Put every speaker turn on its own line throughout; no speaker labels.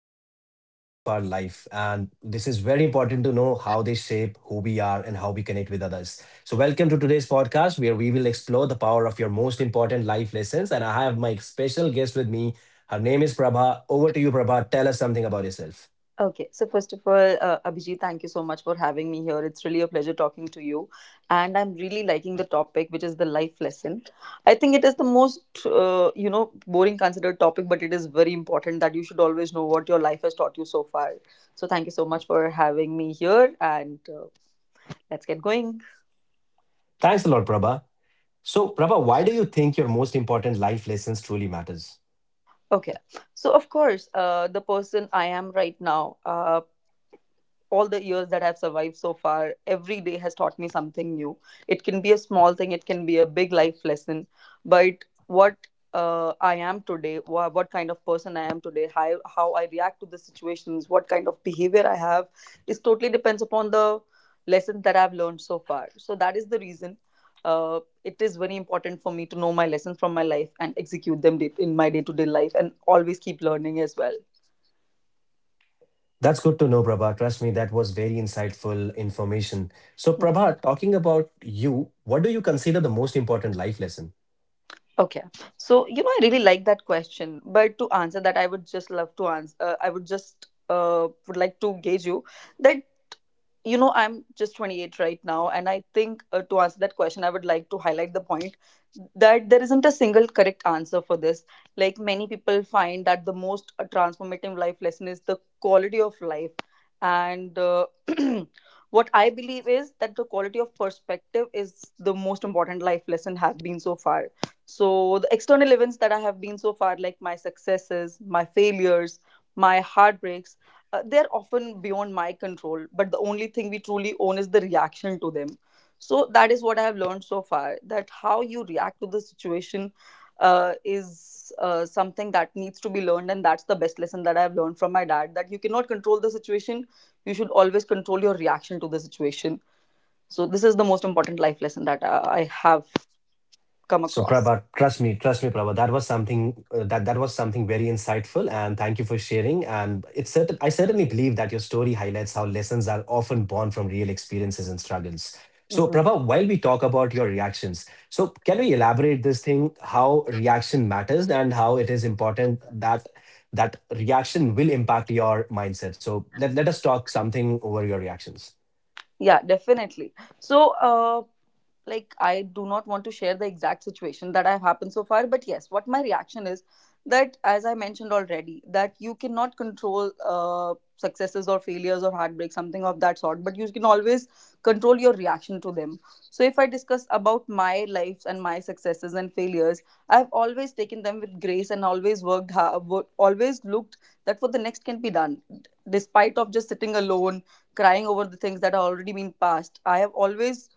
invincible part of our life. And this is very important to know how they shape who we are and how we connect with others. So, welcome to today's podcast where we will explore the power of your most important life lessons. And I have my special guest with me. Her name is Prabha. Over to you, Prabha. Tell us something about yourself.
Okay, so first of all, Abhijit, thank you so much for having me here. It's really a pleasure talking to you. And I'm really liking the topic, which is the life lesson. I think it is the most, boring considered topic, but it is very important that you should always know what your life has taught you so far. So thank you so much for having me here. And Let's get going.
Thanks a lot, Prabha. So, Prabha, why do you think your most important life lessons truly matters?
Okay, so of course, the person I am right now. All the years that I've survived so far, every day has taught me something new. It can be a small thing, it can be a big life lesson. But what I am today, what kind of person I am today, how I react to the situations, what kind of behavior I have, is totally depends upon the lessons that I've learned so far. So that is the reason. It is very important for me to know my lessons from my life and execute them in my day to day life and always keep learning as well.
That's good to know, Prabha. Trust me, that was very insightful information. So, Prabha, talking about you, what do you consider the most important life lesson?
Okay. So, you know, I really like that question, but to answer that, I would just love to answer. I would like to gauge you that you know I'm just 28 right now, and I think, to answer that question, I would like to highlight the point that there isn't a single correct answer for this. Like, many people find that the most, transformative life lesson is the quality of life, and what I believe is that the quality of perspective is the most important life lesson have been so far. So the external events that I have been so far, like my successes, my failures, my heartbreaks, they're often beyond my control. But the only thing we truly own is the reaction to them. So that is what I have learned so far, that how you react to the situation, is something that needs to be learned. And that's the best lesson that I have learned from my dad, that you cannot control the situation, you should always control your reaction to the situation. So this is the most important life lesson that I have come
So
across.
Prabha, trust me, Prabha. That was something that was something very insightful, and thank you for sharing. And it's certain I certainly believe that your story highlights how lessons are often born from real experiences and struggles. So
Mm-hmm.
Prabha, while we talk about your reactions, so can we elaborate this thing how reaction matters and how it is important that reaction will impact your mindset? So let us talk something over your reactions.
Yeah, definitely. So, like, I do not want to share the exact situation that have happened so far, but yes, what my reaction is that, as I mentioned already, that you cannot control successes or failures or heartbreak, something of that sort, but you can always control your reaction to them. So if I discuss about my lives and my successes and failures, I've always taken them with grace and always worked hard, always looked that for the next can be done, despite of just sitting alone crying over the things that have already been passed. I have always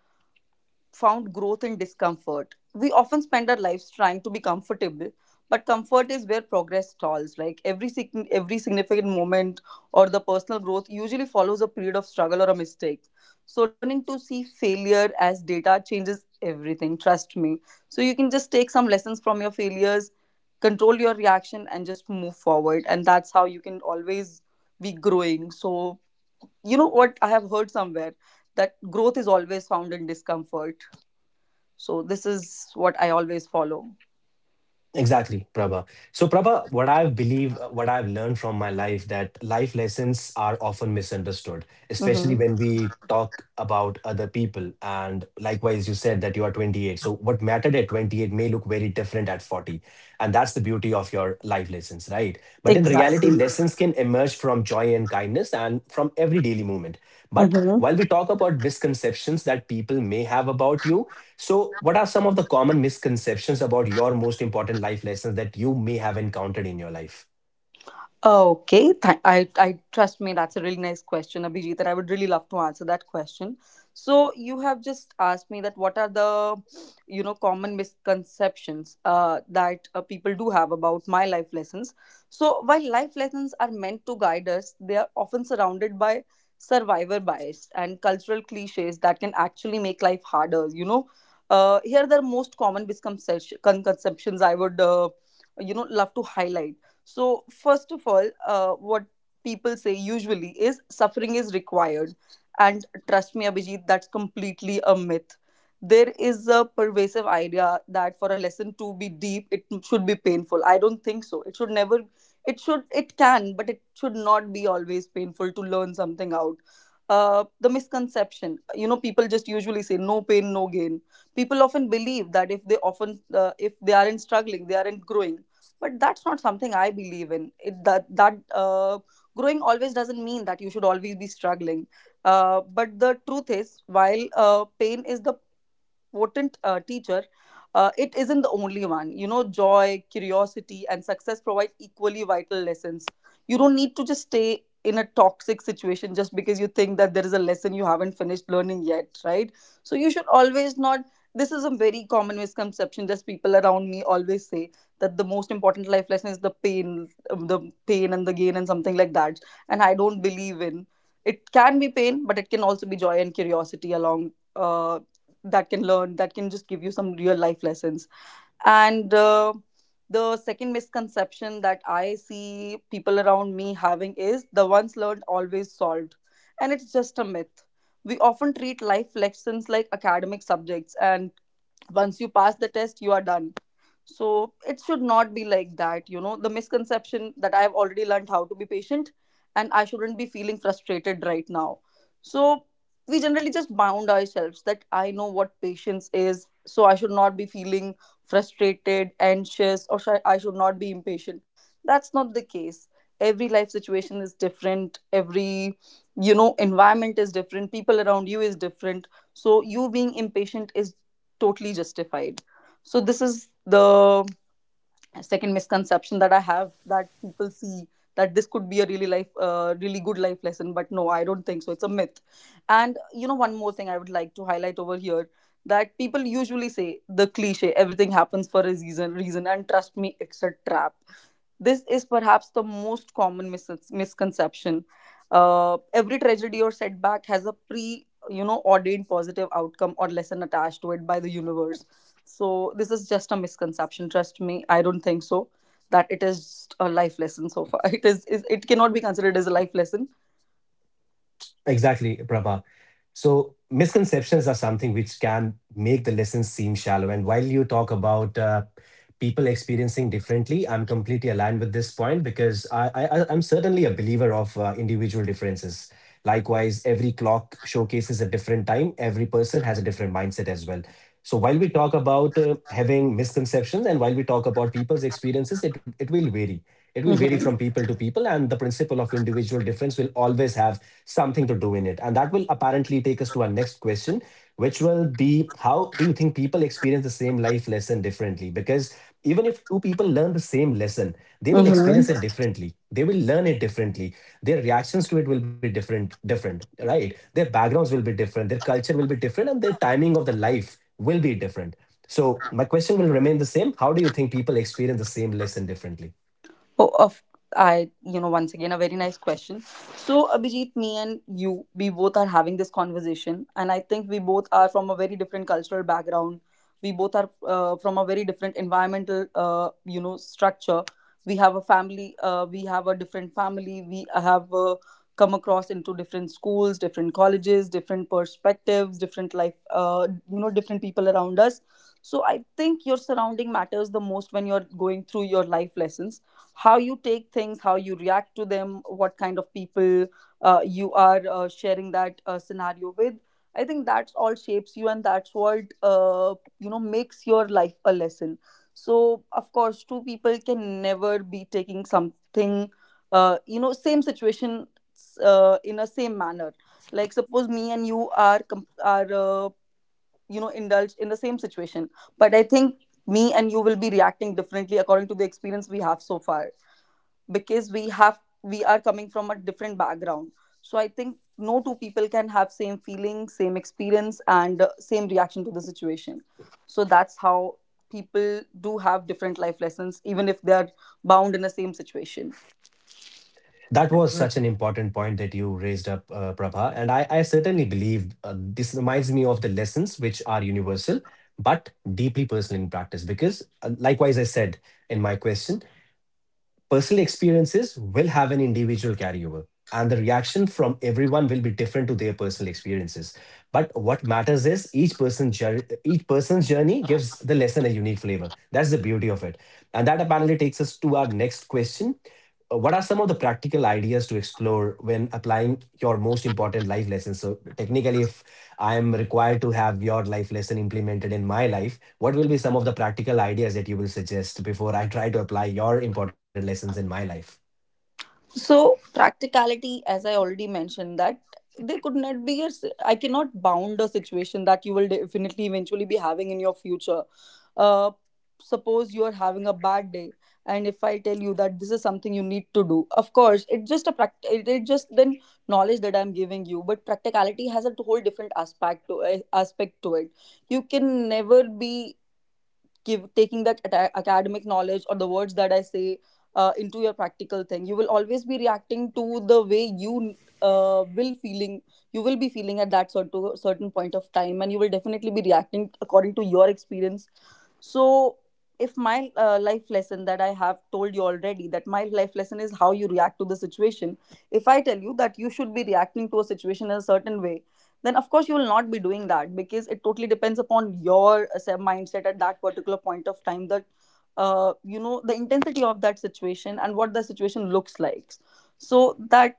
found growth in discomfort. We often spend our lives trying to be comfortable, but comfort is where progress stalls. Like every significant moment or the personal growth usually follows a period of struggle or a mistake. So learning to see failure as data changes everything. Trust me. So you can just take some lessons from your failures, control your reaction, and just move forward. And that's how you can always be growing. So you know what I have heard somewhere, that growth is always found in discomfort. So this is what I always follow.
Exactly, Prabha. So, Prabha, what I believe, what I've learned from my life, that life lessons are often misunderstood, especially
Mm-hmm.
when we talk about other people. And likewise, you said that you are 28. So, what mattered at 28 may look very different at 40. And that's the beauty of your life lessons, right? But in reality,
Exactly.
lessons can emerge from joy and kindness and from every daily moment. But
Mm-hmm.
while we talk about misconceptions that people may have about you, so, what are some of the common misconceptions about your most important life lessons that you may have encountered in your life?
Okay, I trust me, that's a really nice question, Abhijit, and I would really love to answer that question. So you have just asked me that what are the, you know, common misconceptions that people do have about my life lessons. So while life lessons are meant to guide us, they are often surrounded by survivor bias and cultural cliches that can actually make life harder. You know, here are the most common misconceptions I would, love to highlight. So, first of all, what people say usually is suffering is required. And trust me, Abhijit, that's completely a myth. There is a pervasive idea that for a lesson to be deep, it should be painful. I don't think so. It should never, it should, it can, but it should not be always painful to learn something out. The misconception, you know, people just usually say no pain, no gain. People often believe that if they often, if they aren't struggling, they aren't growing, but that's not something I believe in, it that that growing always doesn't mean that you should always be struggling. But the truth is, while pain is the potent teacher, it isn't the only one. You know, joy, curiosity, and success provide equally vital lessons. You don't need to just stay in a toxic situation just because you think that there is a lesson you haven't finished learning yet, right? So you should always not. This is a very common misconception that people around me always say, that the most important life lesson is the pain and the gain, and something like that. And I don't believe in it. Can be pain, but it can also be joy and curiosity along, that can just give you some real life lessons. And The second misconception that I see people around me having is the once learned always solved, and it's just a myth. We often treat life lessons like academic subjects, and once you pass the test you are done. So it should not be like that. You know, the misconception that I've already learned how to be patient and I shouldn't be feeling frustrated right now. So we generally just bound ourselves that I know what patience is, so I should not be feeling frustrated, anxious, or I should not be impatient. That's not the case. Every life situation is different, every, you know, environment is different, people around you is different. So you being impatient is totally justified. So this is the second misconception that I have that people see, that this could be a really life, really good life lesson, but no, I don't think so. It's a myth. And you know, one more thing I would like to highlight over here, that people usually say the cliche, everything happens for a reason, and trust me, it's a trap. This is perhaps the most common misconception. Every tragedy or setback has a pre, you know, ordained positive outcome or lesson attached to it by the universe. So this is just a misconception. Trust me, I don't think so. That it is a life lesson so far. It is it cannot be considered as a life lesson.
Exactly, Prabha. So misconceptions are something which can make the lessons seem shallow. And while you talk about people experiencing differently, I'm completely aligned with this point because I'm certainly a believer of individual differences. Likewise, every clock showcases a different time. Every person has a different mindset as well. So while we talk about having misconceptions and while we talk about people's experiences, it will vary. It will vary from
Mm-hmm.
people to people, and the principle of individual difference will always have something to do in it. And that will apparently take us to our next question, which will be how do you think people experience the same life lesson differently? Because even if two people learn the same lesson, they will experience it
Mm-hmm.
differently. They will learn it differently. Their reactions to it will be different, right? Their backgrounds will be different, their culture will be different, and their timing of the life will be different. So my question will remain the same. How do you think people experience the same lesson differently?
Oh, of I, you know, once again, a very nice question. So, Abhijit, me and you, we both are having this conversation, and I think we both are from a very different cultural background. We both are, from a very different environmental, structure. We have a family. We have a different family. We have, come across into different schools, different colleges, different perspectives, different life. You know, different people around us. So I think your surrounding matters the most when you're going through your life lessons, how you take things, how you react to them, what kind of people you are sharing that scenario with. I think that's all shapes you, and that's what, you know, makes your life a lesson. So, of course, two people can never be taking something, you know, same situation in a same manner. Like, suppose me and you are you know indulged in the same situation, but I think me and you will be reacting differently according to the experience we have so far, because we are coming from a different background. So I think no two people can have same feeling, same experience, and same reaction to the situation. So that's how people do have different life lessons even if they are bound in the same situation.
That was such an important point that you raised up, Prabha. And I certainly believe this reminds me of the lessons which are universal but deeply personal in practice. Because, likewise, I said in my question, personal experiences will have an individual carryover and the reaction from everyone will be different to their personal experiences but what matters is each person's journey. Each person's journey gives the lesson a unique flavor. That's the beauty of it. And that apparently takes us to our next question. What are some of the practical ideas to explore when applying your most important life lessons? So technically, if I am required to have your life lesson implemented in my life, what will be some of the practical ideas that you will suggest before I try to apply your important lessons in my life?
So practicality, as I already mentioned, that there could not be a, I cannot bound a situation that you will definitely eventually be having in your future. Uh, Suppose you are having a bad day, and if I tell you that this is something you need to do, of course, it's just a pract. It just then knowledge that I'm giving you, but practicality has a whole different aspect to aspect to it. You can never be give taking that atta- academic knowledge or the words that I say into your practical thing. You will always be reacting to the way you will be feeling at that sort certain point of time, and you will definitely be reacting according to your experience. So, if my life lesson that I have told you already, that my life lesson is how you react to the situation, if I tell you that you should be reacting to a situation in a certain way, then of course you will not be doing that, because it totally depends upon your say, mindset at that particular point of time, that the intensity of that situation and what the situation looks like. So, that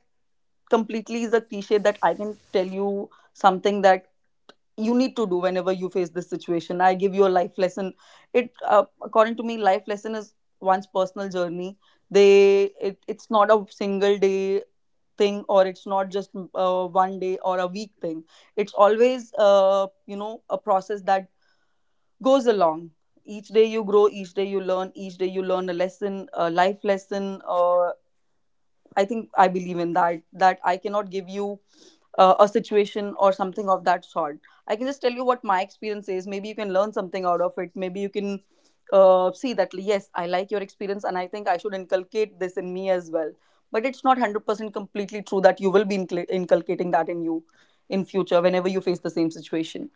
completely is a cliche, that I can tell you something that you need to do whenever you face this situation. I give you a life lesson. It According to me, life lesson is one's personal journey. They It's not a single day thing, or it's not just 1 day or a week thing. It's always a process that goes along. Each day you grow, each day you learn, each day you learn a lesson, a life lesson. Or. I think I believe in that, that I cannot give you a situation or something of that sort. I can just tell you what my experience is. Maybe you can learn something out of it. Maybe you can see that, yes, I like your experience, and I think I should inculcate this in me as well. But it's not 100% completely true that you will be inculcating that in you in future whenever you face the same situation.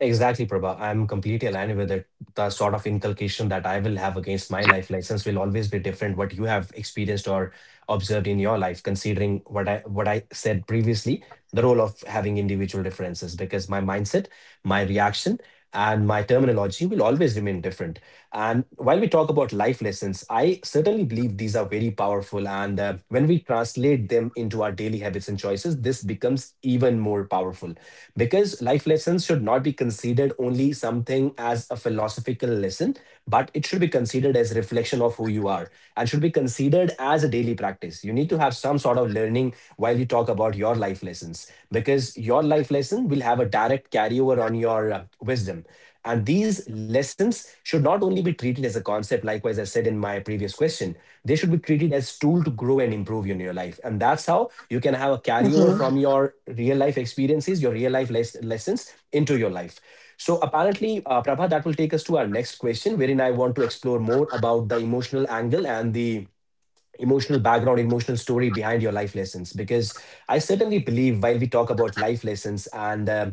Exactly, Prabha. I'm completely aligned with it. The sort of inculcation that I will have against my life lessons will always be different what you have experienced or observed in your life, considering what I said previously, the role of having individual differences, because my mindset, my reaction, and my terminology will always remain different. And while we talk about life lessons, I certainly believe these are very powerful. And when we translate them into our daily habits and choices, this becomes even more powerful because life lessons should not be considered only something as a philosophical lesson, but it should be considered as reflection of who you are and should be considered as a daily practice. You need to have some sort of learning while you talk about your life lessons because your life lesson will have a direct carryover on your wisdom. And these lessons should not only be treated as a concept. Likewise, I said in my previous question, they should be treated as tool to grow and improve in your life. And that's how you can have a carryover
Mm-hmm.
from your real life experiences, your real lessons into your life. So apparently, Prabha, that will take us to our next question, wherein I want to explore more about the emotional angle and the emotional background, emotional story behind your life lessons. Because I certainly believe while we talk about life lessons and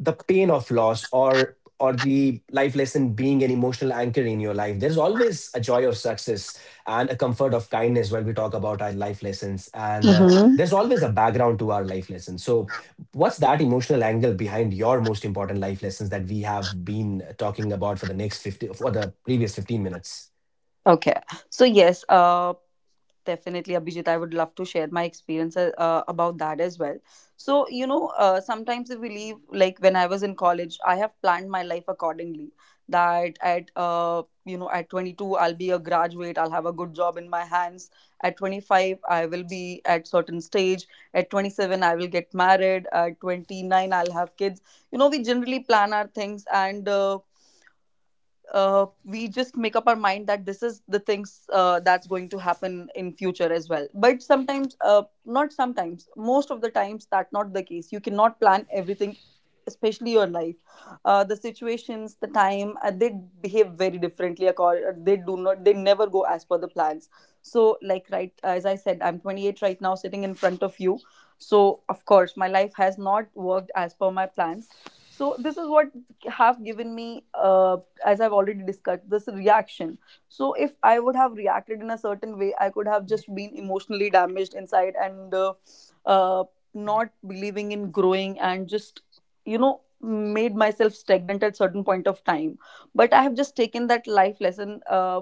the pain of loss or the life lesson being an emotional anchor in your life, there's always a joy of success and a comfort of kindness when we talk about our life lessons. And
Mm-hmm.
there's always a background to our life lessons. So what's that emotional angle behind your most important life lessons that we have been talking about for the next 50 for the previous 15 minutes?
Okay. So yes, definitely, Abhijit, I would love to share my experience about that as well. So, you know, sometimes if we leave, like when I was in college, I have planned my life accordingly. That at, at 22, I'll be a graduate, I'll have a good job in my hands. At 25, I will be at certain stage. At 27, I will get married. At 29, I'll have kids. You know, we generally plan our things, and we just make up our mind that this is the things that's going to happen in future as well. But sometimes, not sometimes most of the times that's not the case. You cannot plan everything, especially your life. The situations, the time, they behave very differently. Accord They do not, they never go as per the plans. So, like, right, as I said, I'm 28 right now, sitting in front of you. So of course my life has not worked as per my plans. So this is what have given me, as I've already discussed, this reaction. So if I would have reacted in a certain way, I could have just been emotionally damaged inside, and uh, not believing in growing, and just, you know, made myself stagnant at certain point of time. But I have just taken that life lesson.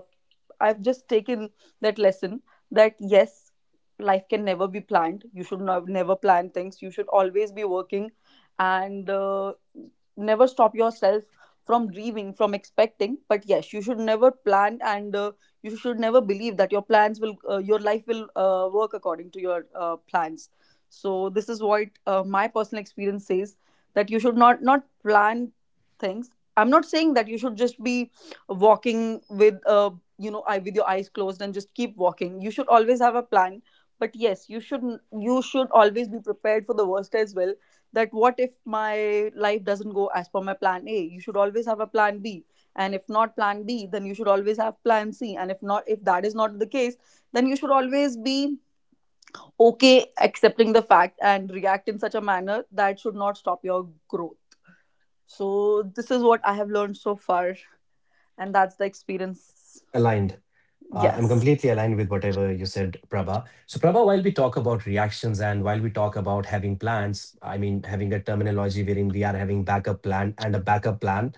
I've just taken that lesson, that yes, life can never be planned. You should not, never plan things. You should always be working, and never stop yourself from dreaming, from expecting. But yes, you should never plan, and you should never believe that your plans will, your life will work according to your plans. So this is what my personal experience says, that you should not not plan things. I'm not saying that you should just be walking with a, you know, eye, with your eyes closed, and just keep walking. You should always have a plan. But yes, you should, you should always be prepared for the worst as well, that what if my life doesn't go as per my plan A, you should always have a plan B. And if not plan B, then you should always have plan C. And if not, if that is not the case, then you should always be okay accepting the fact, and react in such a manner that should not stop your growth. So this is what I have learned so far, and that's the experience.
Aligned. I'm
Yes.
completely aligned with whatever you said, Prabha. So, Prabha, while we talk about reactions and while we talk about having plans, I mean, having a terminology wherein we are having backup plan and a backup plan,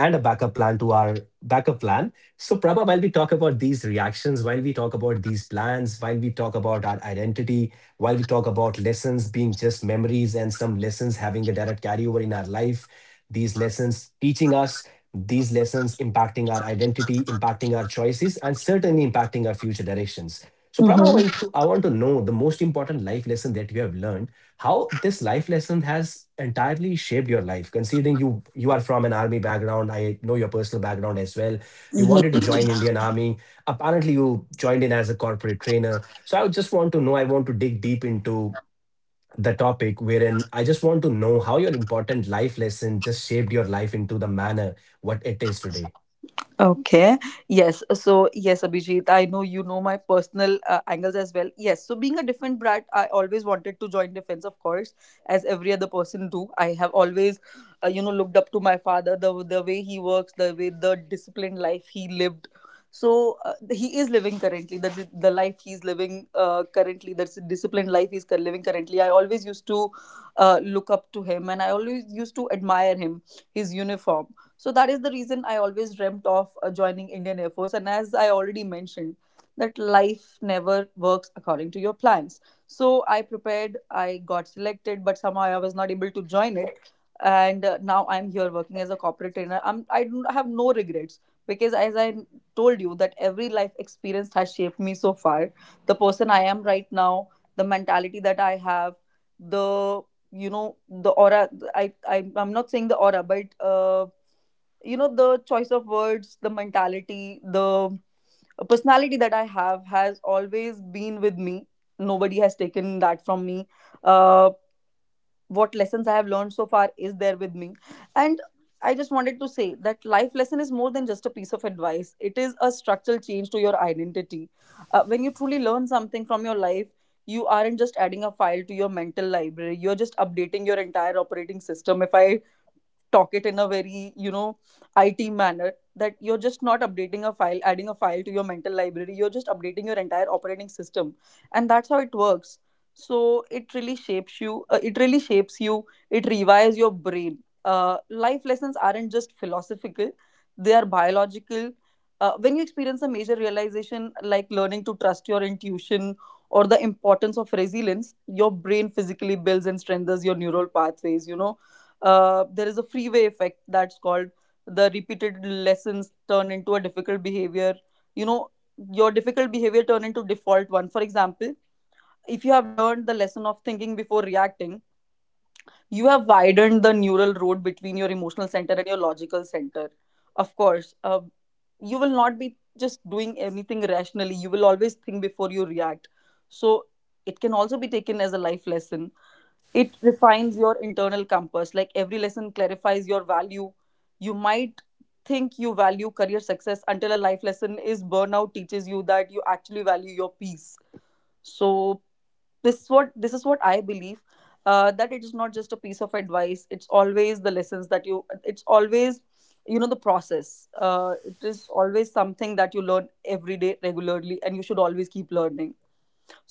and a backup plan to our backup plan. So, Prabha, while we talk about these reactions, while we talk about these plans, while we talk about our identity, while we talk about lessons being just memories and some lessons having a direct carryover in our life, these lessons teaching us, these lessons impacting our identity, impacting our choices, and certainly impacting our future directions. So, Prabha, I want to,
Mm-hmm.
I want to know the most important life lesson that you have learned, how this life lesson has entirely shaped your life, considering you are from an army background. I know your personal background as well. You wanted to join Indian Army. Apparently, you joined in as a corporate trainer. So I just want to know, I want to dig deep into the topic wherein I just want to know how your important life lesson just shaped your life into the manner what it is today.
Okay. Yes. So yes, Abhijit, I know you know my personal angles as well. Yes. So being a different brat, I always wanted to join defense, of course, as every other person do. I have always, looked up to my father, the way he works, the way the disciplined life he lived. So he is living currently the life he's living currently, that's disciplined life he's living currently. I always used to look up to him, and I always used to admire him, his uniform. So that is the reason I always dreamt of joining Indian Air Force. And as I already mentioned, that life never works according to your plans. So I prepared, I got selected, but somehow I was not able to join it. And now I'm here working as a corporate trainer. I am, I do have no regrets, because, as I told you, that every life experience has shaped me so far. The person I am right now, the mentality that I have, the, you know, the aura. I'm not saying the aura, but the choice of words, the mentality, the personality that I have has always been with me. Nobody has taken that from me. uh, what lessons I have learned so far is there with me. And I just wanted to say that life lesson is more than just a piece of advice. It is a structural change to your identity. When you truly learn something from your life, you aren't just adding a file to your mental library, you're just updating your entire operating system. If I talk it in a very, you know, IT manner, that you're just not updating a file, adding a file to your mental library, you're just updating your entire operating system, and that's how it works. So it really shapes you. It really shapes you. It rewires your brain. Life lessons aren't just philosophical; they are biological. When you experience a major realization, like learning to trust your intuition or the importance of resilience, your brain physically builds and strengthens your neural pathways. You know, there is a freeway effect that's called, the repeated lessons turn into a difficult behavior, you know, your difficult behavior turn into default one. For example, if you have learned the lesson of thinking before reacting, you have widened the neural road between your emotional center and your logical center. Of course, you will not be just doing anything rationally, you will always think before you react. So it can also be taken as a life lesson. It refines your internal compass, like every lesson clarifies your value. You might think you value career success, until a life lesson is burnout teaches you that you actually value your peace. So this is what I believe, that it is not just a piece of advice. It's always the lessons that you, it's always, you know, the process. It is always something that you learn every day regularly, and you should always keep learning.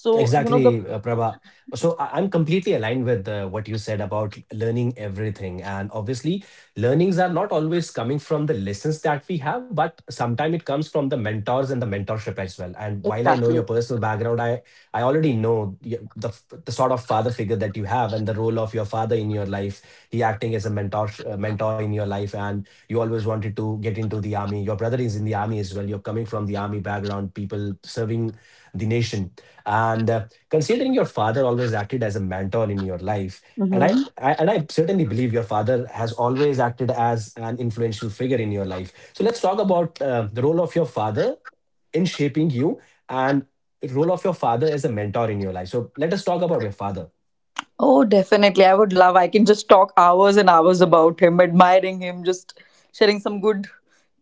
So, you know, the,
Exactly, Prabha. So I'm completely aligned with what you said about learning everything. And obviously, learnings are not always coming from the lessons that we have, but sometimes it comes from the mentors and the mentorship as well. And while I know
exactly,
your personal background, I already know the sort of father figure that you have and the role of your father in your life. He acting as a mentor in your life, and you always wanted to get into the army. Your brother is in the army as well. You're coming from the army background, people serving the nation. And considering your father always acted as a mentor in your life, and
hmm.
I and I certainly believe your father has always acted as an influential figure in your life. So let's talk about the role of your father in shaping you and the role of your father as a mentor in your life. So let us talk about your father.
Oh, definitely. I would love. I can just talk hours and hours about him, admiring him, just sharing some good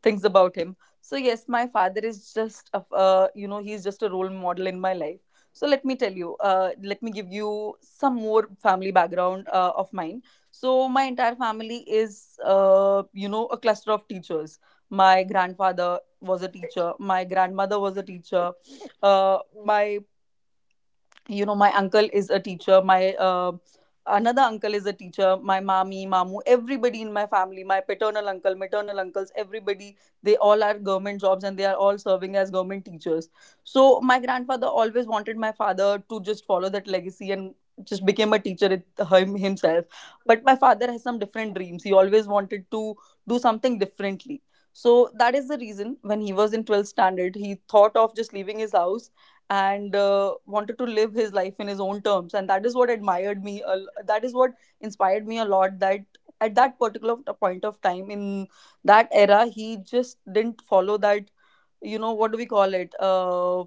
things about him. So yes, my father is just a, he's just a role model in my life. So let me tell you, let me give you some more family background of mine. So my entire family is, a cluster of teachers. My grandfather was a teacher. My grandmother was a teacher. My, you know, my uncle is a teacher, my another uncle is a teacher, my mommy, mamu, everybody in my family, my paternal uncle, maternal uncles, everybody, they all are government jobs, and they are all serving as government teachers. So my grandfather always wanted my father to just follow that legacy and just became a teacher himself. But my father has some different dreams. He always wanted to do something differently. So that is the reason when he was in 12th standard, he thought of just leaving his house, and wanted to live his life in his own terms. And that is what admired me a l- that is what inspired me a lot, that at that particular point of time, in that era, he just didn't follow that, you know, what do we call it.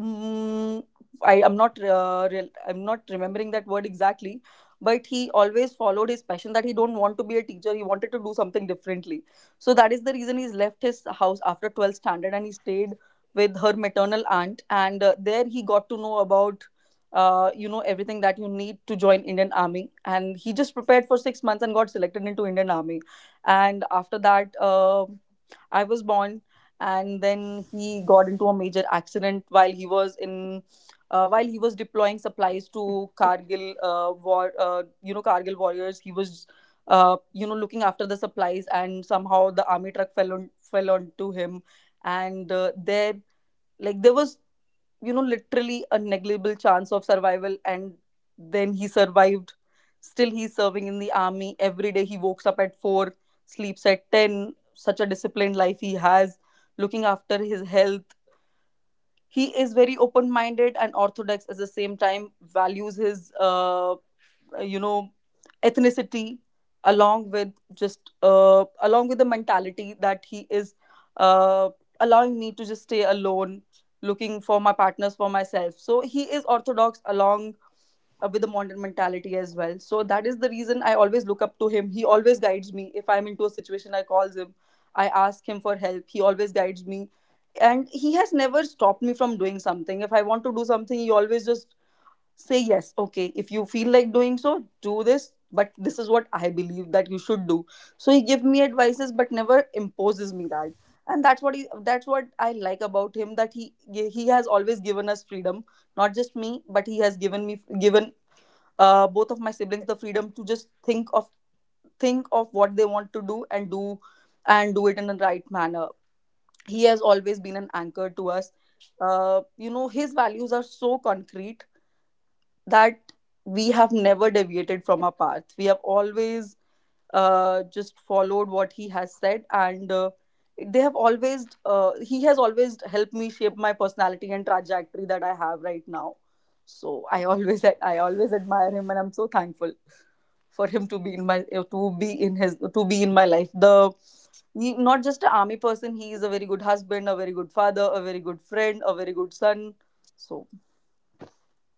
Mm, I am not I'm not remembering that word exactly, but he always followed his passion, that he don't want to be a teacher. He wanted to do something differently. So that is the reason he's left his house after 12th standard and he stayed with her maternal aunt. And there he got to know about, everything that you need to join Indian Army. And he just prepared for 6 months and got selected into Indian Army. And after that, I was born, and then he got into a major accident while he was in while he was deploying supplies to Kargil war, Kargil warriors. He was looking after the supplies, and somehow the army truck fell onto him, and there was literally a negligible chance of survival, and then he survived. Still he's serving in the army. Every day he wakes up at 4, sleeps at 10. Such a disciplined life he has, looking after his health. He is very open minded and orthodox at the same time. Values his, you know, ethnicity along with just along with the mentality that he is uh, allowing me to just stay alone, looking for my partners for myself. So he is orthodox along with a modern mentality as well. So that is the reason I always look up to him. He always guides me. If I'm into a situation, I calls him. I ask him for help. He always guides me, and he has never stopped me from doing something. If I want to do something, he always just say yes. Okay, if you feel like doing so, do this. But this is what I believe that you should do. So he give me advices, but never imposes me that. And that's what I like about him, that he has always given us freedom, not just me, but he has given me given both of my siblings the freedom to just think of what they want to do, and do it in the right manner. He has always been an anchor to us. His values are so concrete that we have never deviated from our path. We have always just followed what he has said, and he has always helped me shape my personality and trajectory that I have right now. So I always admire him, and I'm so thankful for him to be in my to be in his to be in my life. Not just an army person, he is a very good husband, a very good father, a very good friend, a very good son. So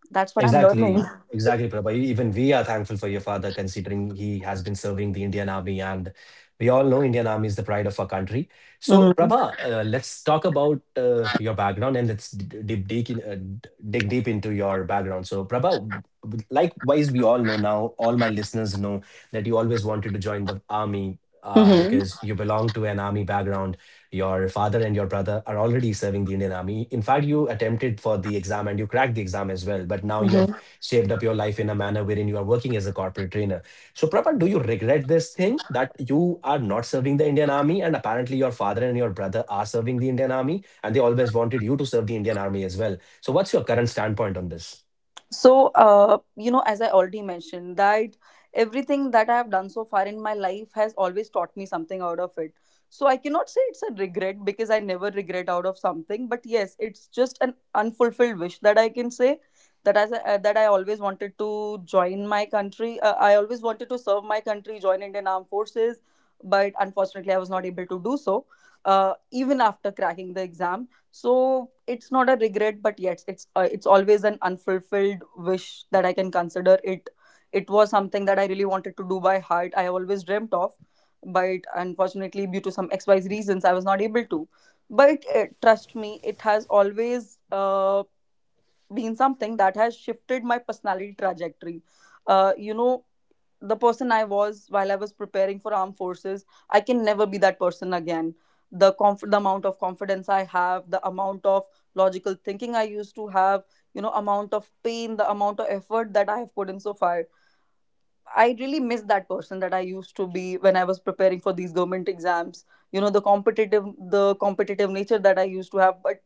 that's what I'm learning.
Exactly, exactly, Prabha. Even we are thankful for your father, considering he has been serving the Indian Army, and we all know Indian Army is the pride of our country. So, Prabha, let's talk about your background and let's dig deep into your background. So, Prabha, likewise, we all know now, all my listeners know that you always wanted to join the army
Mm-hmm.
because you belong to an army background. Your father and your brother are already serving the Indian Army. In fact, you attempted for the exam and you cracked the exam as well. But now you have
Mm-hmm.
shaped up your life in a manner wherein you are working as a corporate trainer. So, Prabha, do you regret this thing that you are not serving the Indian Army? And apparently, your father and your brother are serving the Indian Army, and they always wanted you to serve the Indian Army as well. So, what's your current standpoint on this?
So, as I already mentioned, that everything that I have done so far in my life has always taught me something out of it. So I cannot say it's a regret, because I never regret out of something, but yes, it's just an unfulfilled wish that I can say, that that I always wanted to join my country. I always wanted to serve my country, join Indian Armed Forces, but unfortunately, I was not able to do so. Even after cracking the exam, so it's not a regret, but yes, it's always an unfulfilled wish that I can consider it. It was something that I really wanted to do by heart. I always dreamt of, but unfortunately, due to some XYZ reasons, I was not able to. But trust me, it has always been something that has shifted my personality trajectory. Uh, you know, the person I was while I was preparing for armed forces, I can never be that person again. The amount of confidence I have, the amount of logical thinking I used to have, you know, amount of pain, the amount of effort that I have put in so far. I really miss that person that I used to be when I was preparing for these government exams. You know, the competitive nature that I used to have, but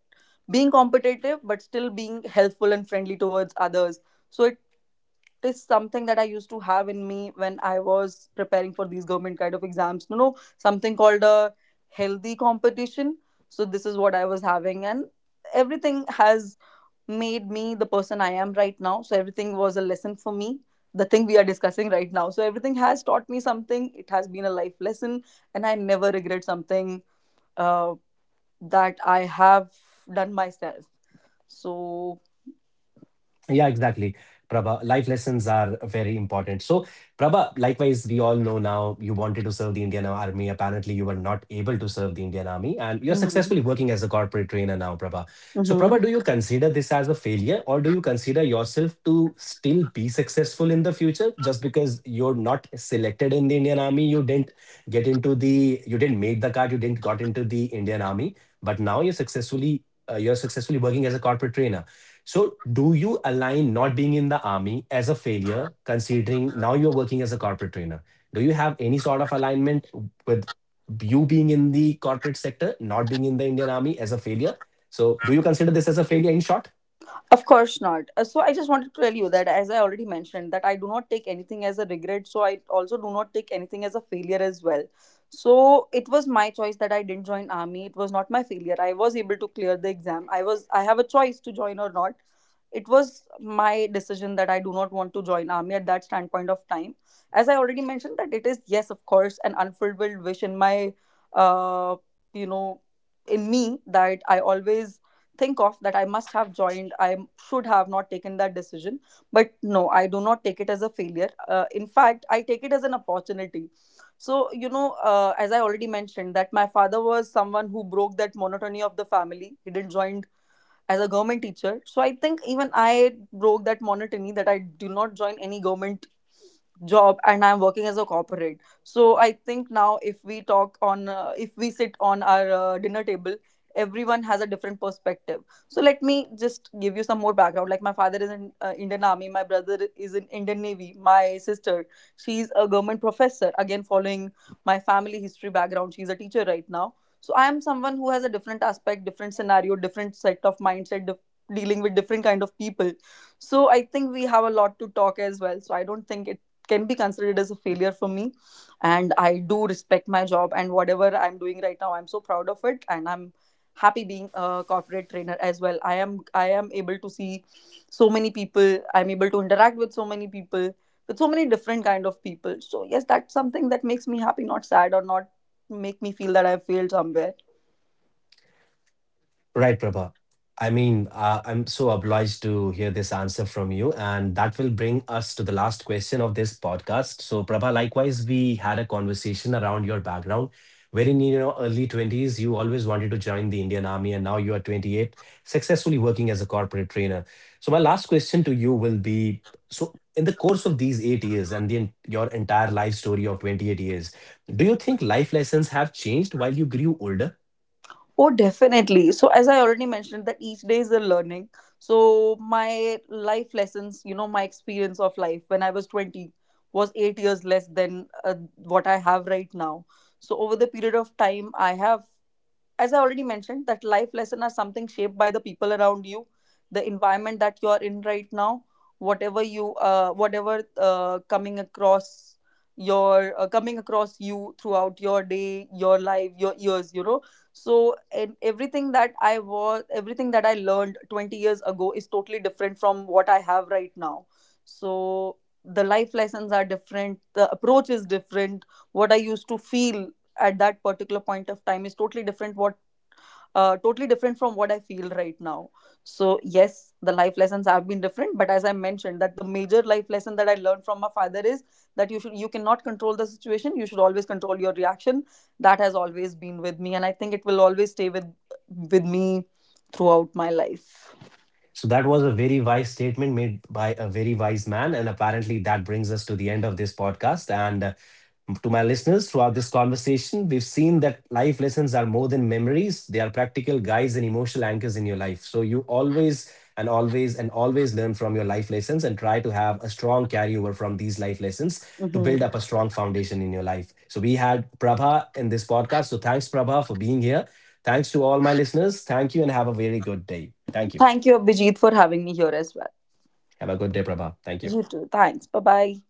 being competitive but still being helpful and friendly towards others. So it is something that I used to have in me when I was preparing for these government kind of exams, you know, something called a healthy competition. So this is what I was having, and everything has made me the person I am right now. So everything was a lesson for me, the thing we are discussing right now. So everything has taught me something. It has been a life lesson, and I never regret something uh, that I have done myself. So,
Yeah, exactly. Prabha, life lessons are very important. So, Prabha, likewise, we all know now you wanted to serve the Indian Army. Apparently, you were not able to serve the Indian Army, and you're successfully
mhm,
working as a corporate trainer now, Prabha. So, Prabha,
mhm.
do you consider this as a failure, or do you consider yourself to still be successful in the future just because you're not selected in the Indian Army? You didn't make the cut, you didn't got into the Indian Army, but now you're successfully working as a corporate trainer. So, do you align not being in the army as a failure, considering now you're working as a corporate trainer? Do you have any sort of alignment with you being in the corporate sector, not being in the Indian army as a failure? So, do you consider this as a failure in short?
Of course not. So I just wanted to tell you that, as I already mentioned, that I do not take anything as a regret. So I also do not take anything as a failure as well. So it was my choice that I didn't join army. It was not my failure. I was able to clear the exam. I was. I have a choice to join or not. It was my decision that I do not want to join army at that standpoint of time. As I already mentioned, that it is, yes, of course, an unfulfilled wish in uh, you know, in me, that I always think of, that I must have joined. I should have not taken that decision, but no, I do not take it as a failure. Uh, in fact, I take it as an opportunity. So you know, as I already mentioned that my father was someone who broke that monotony of the family. He didn't join as a government teacher. So I think even I broke that monotony, that I do not join any government job and I'm working as a corporate. So I think now if we if we sit on our dinner table, everyone has a different perspective. So let me just give you some more background. Like my father is in Indian Army, my brother is in Indian Navy, my sister, she's a government professor, again following my family history background. She's a teacher right now. So I am someone who has a different aspect, different scenario, different set of dealing with different kind of people. So I think we have a lot to talk as well. So I don't think it can be considered as a failure for me, and I do respect my job, and whatever I'm doing right now, I'm so proud of it, and I'm happy being a corporate trainer as well. I am able to see so many people, I'm able to interact with so many people, with so many different kind of people. So yes, that's something that makes me happy, not sad, or not make me feel that I failed somewhere.
Right, Prabha. I mean, I'm so obliged to hear this answer from you. And that will bring us to the last question of this podcast. So, Prabha, likewise, we had a conversation around your background, wherein in your early 20s, you always wanted to join the Indian Army, and now you are 28, successfully working as a corporate trainer. So, my last question to you will be so, in the course of these 8 years and your entire life story of 28 years, do you think life lessons have changed while you grew older?
Oh, definitely. So, as I already mentioned, that each day is a learning. So my life lessons, you know, my experience of life when I was 20 was 8 years less than what I have right now. So over the period of time, I have as I already mentioned, that life lesson are something shaped by the people around you, the environment that you are in right now, whatever whatever coming across you throughout your day, your life, your years, you know. So, and everything everything that I learned 20 years ago is totally different from what I have right now. So the life lessons are different, the approach is different. What I used to feel at that particular point of time is totally different what totally different from what I feel right now. So yes, the life lessons have been different, but as I mentioned, that the major life lesson that I learned from my father is that you cannot control the situation, you should always control your reaction. That has always been with me, and I think it will always stay with me throughout my life.
So that was a very wise statement made by a very wise man. And apparently, that brings us to the end of this podcast. And to my listeners, throughout this conversation, we've seen that life lessons are more than memories. They are practical guides and emotional anchors in your life. So you always and always and always learn from your life lessons and try to have a strong carryover from these life lessons to build
Hmm.
up a strong foundation in your life. So we had Prabha in this podcast. So thanks, Prabha, for being here. Thanks to all my listeners. Thank you and have a very good day. Thank you.
Thank you, Abhijit, for having me here as well.
Have a good day, Prabha. Thank you.
You too, thanks, bye bye.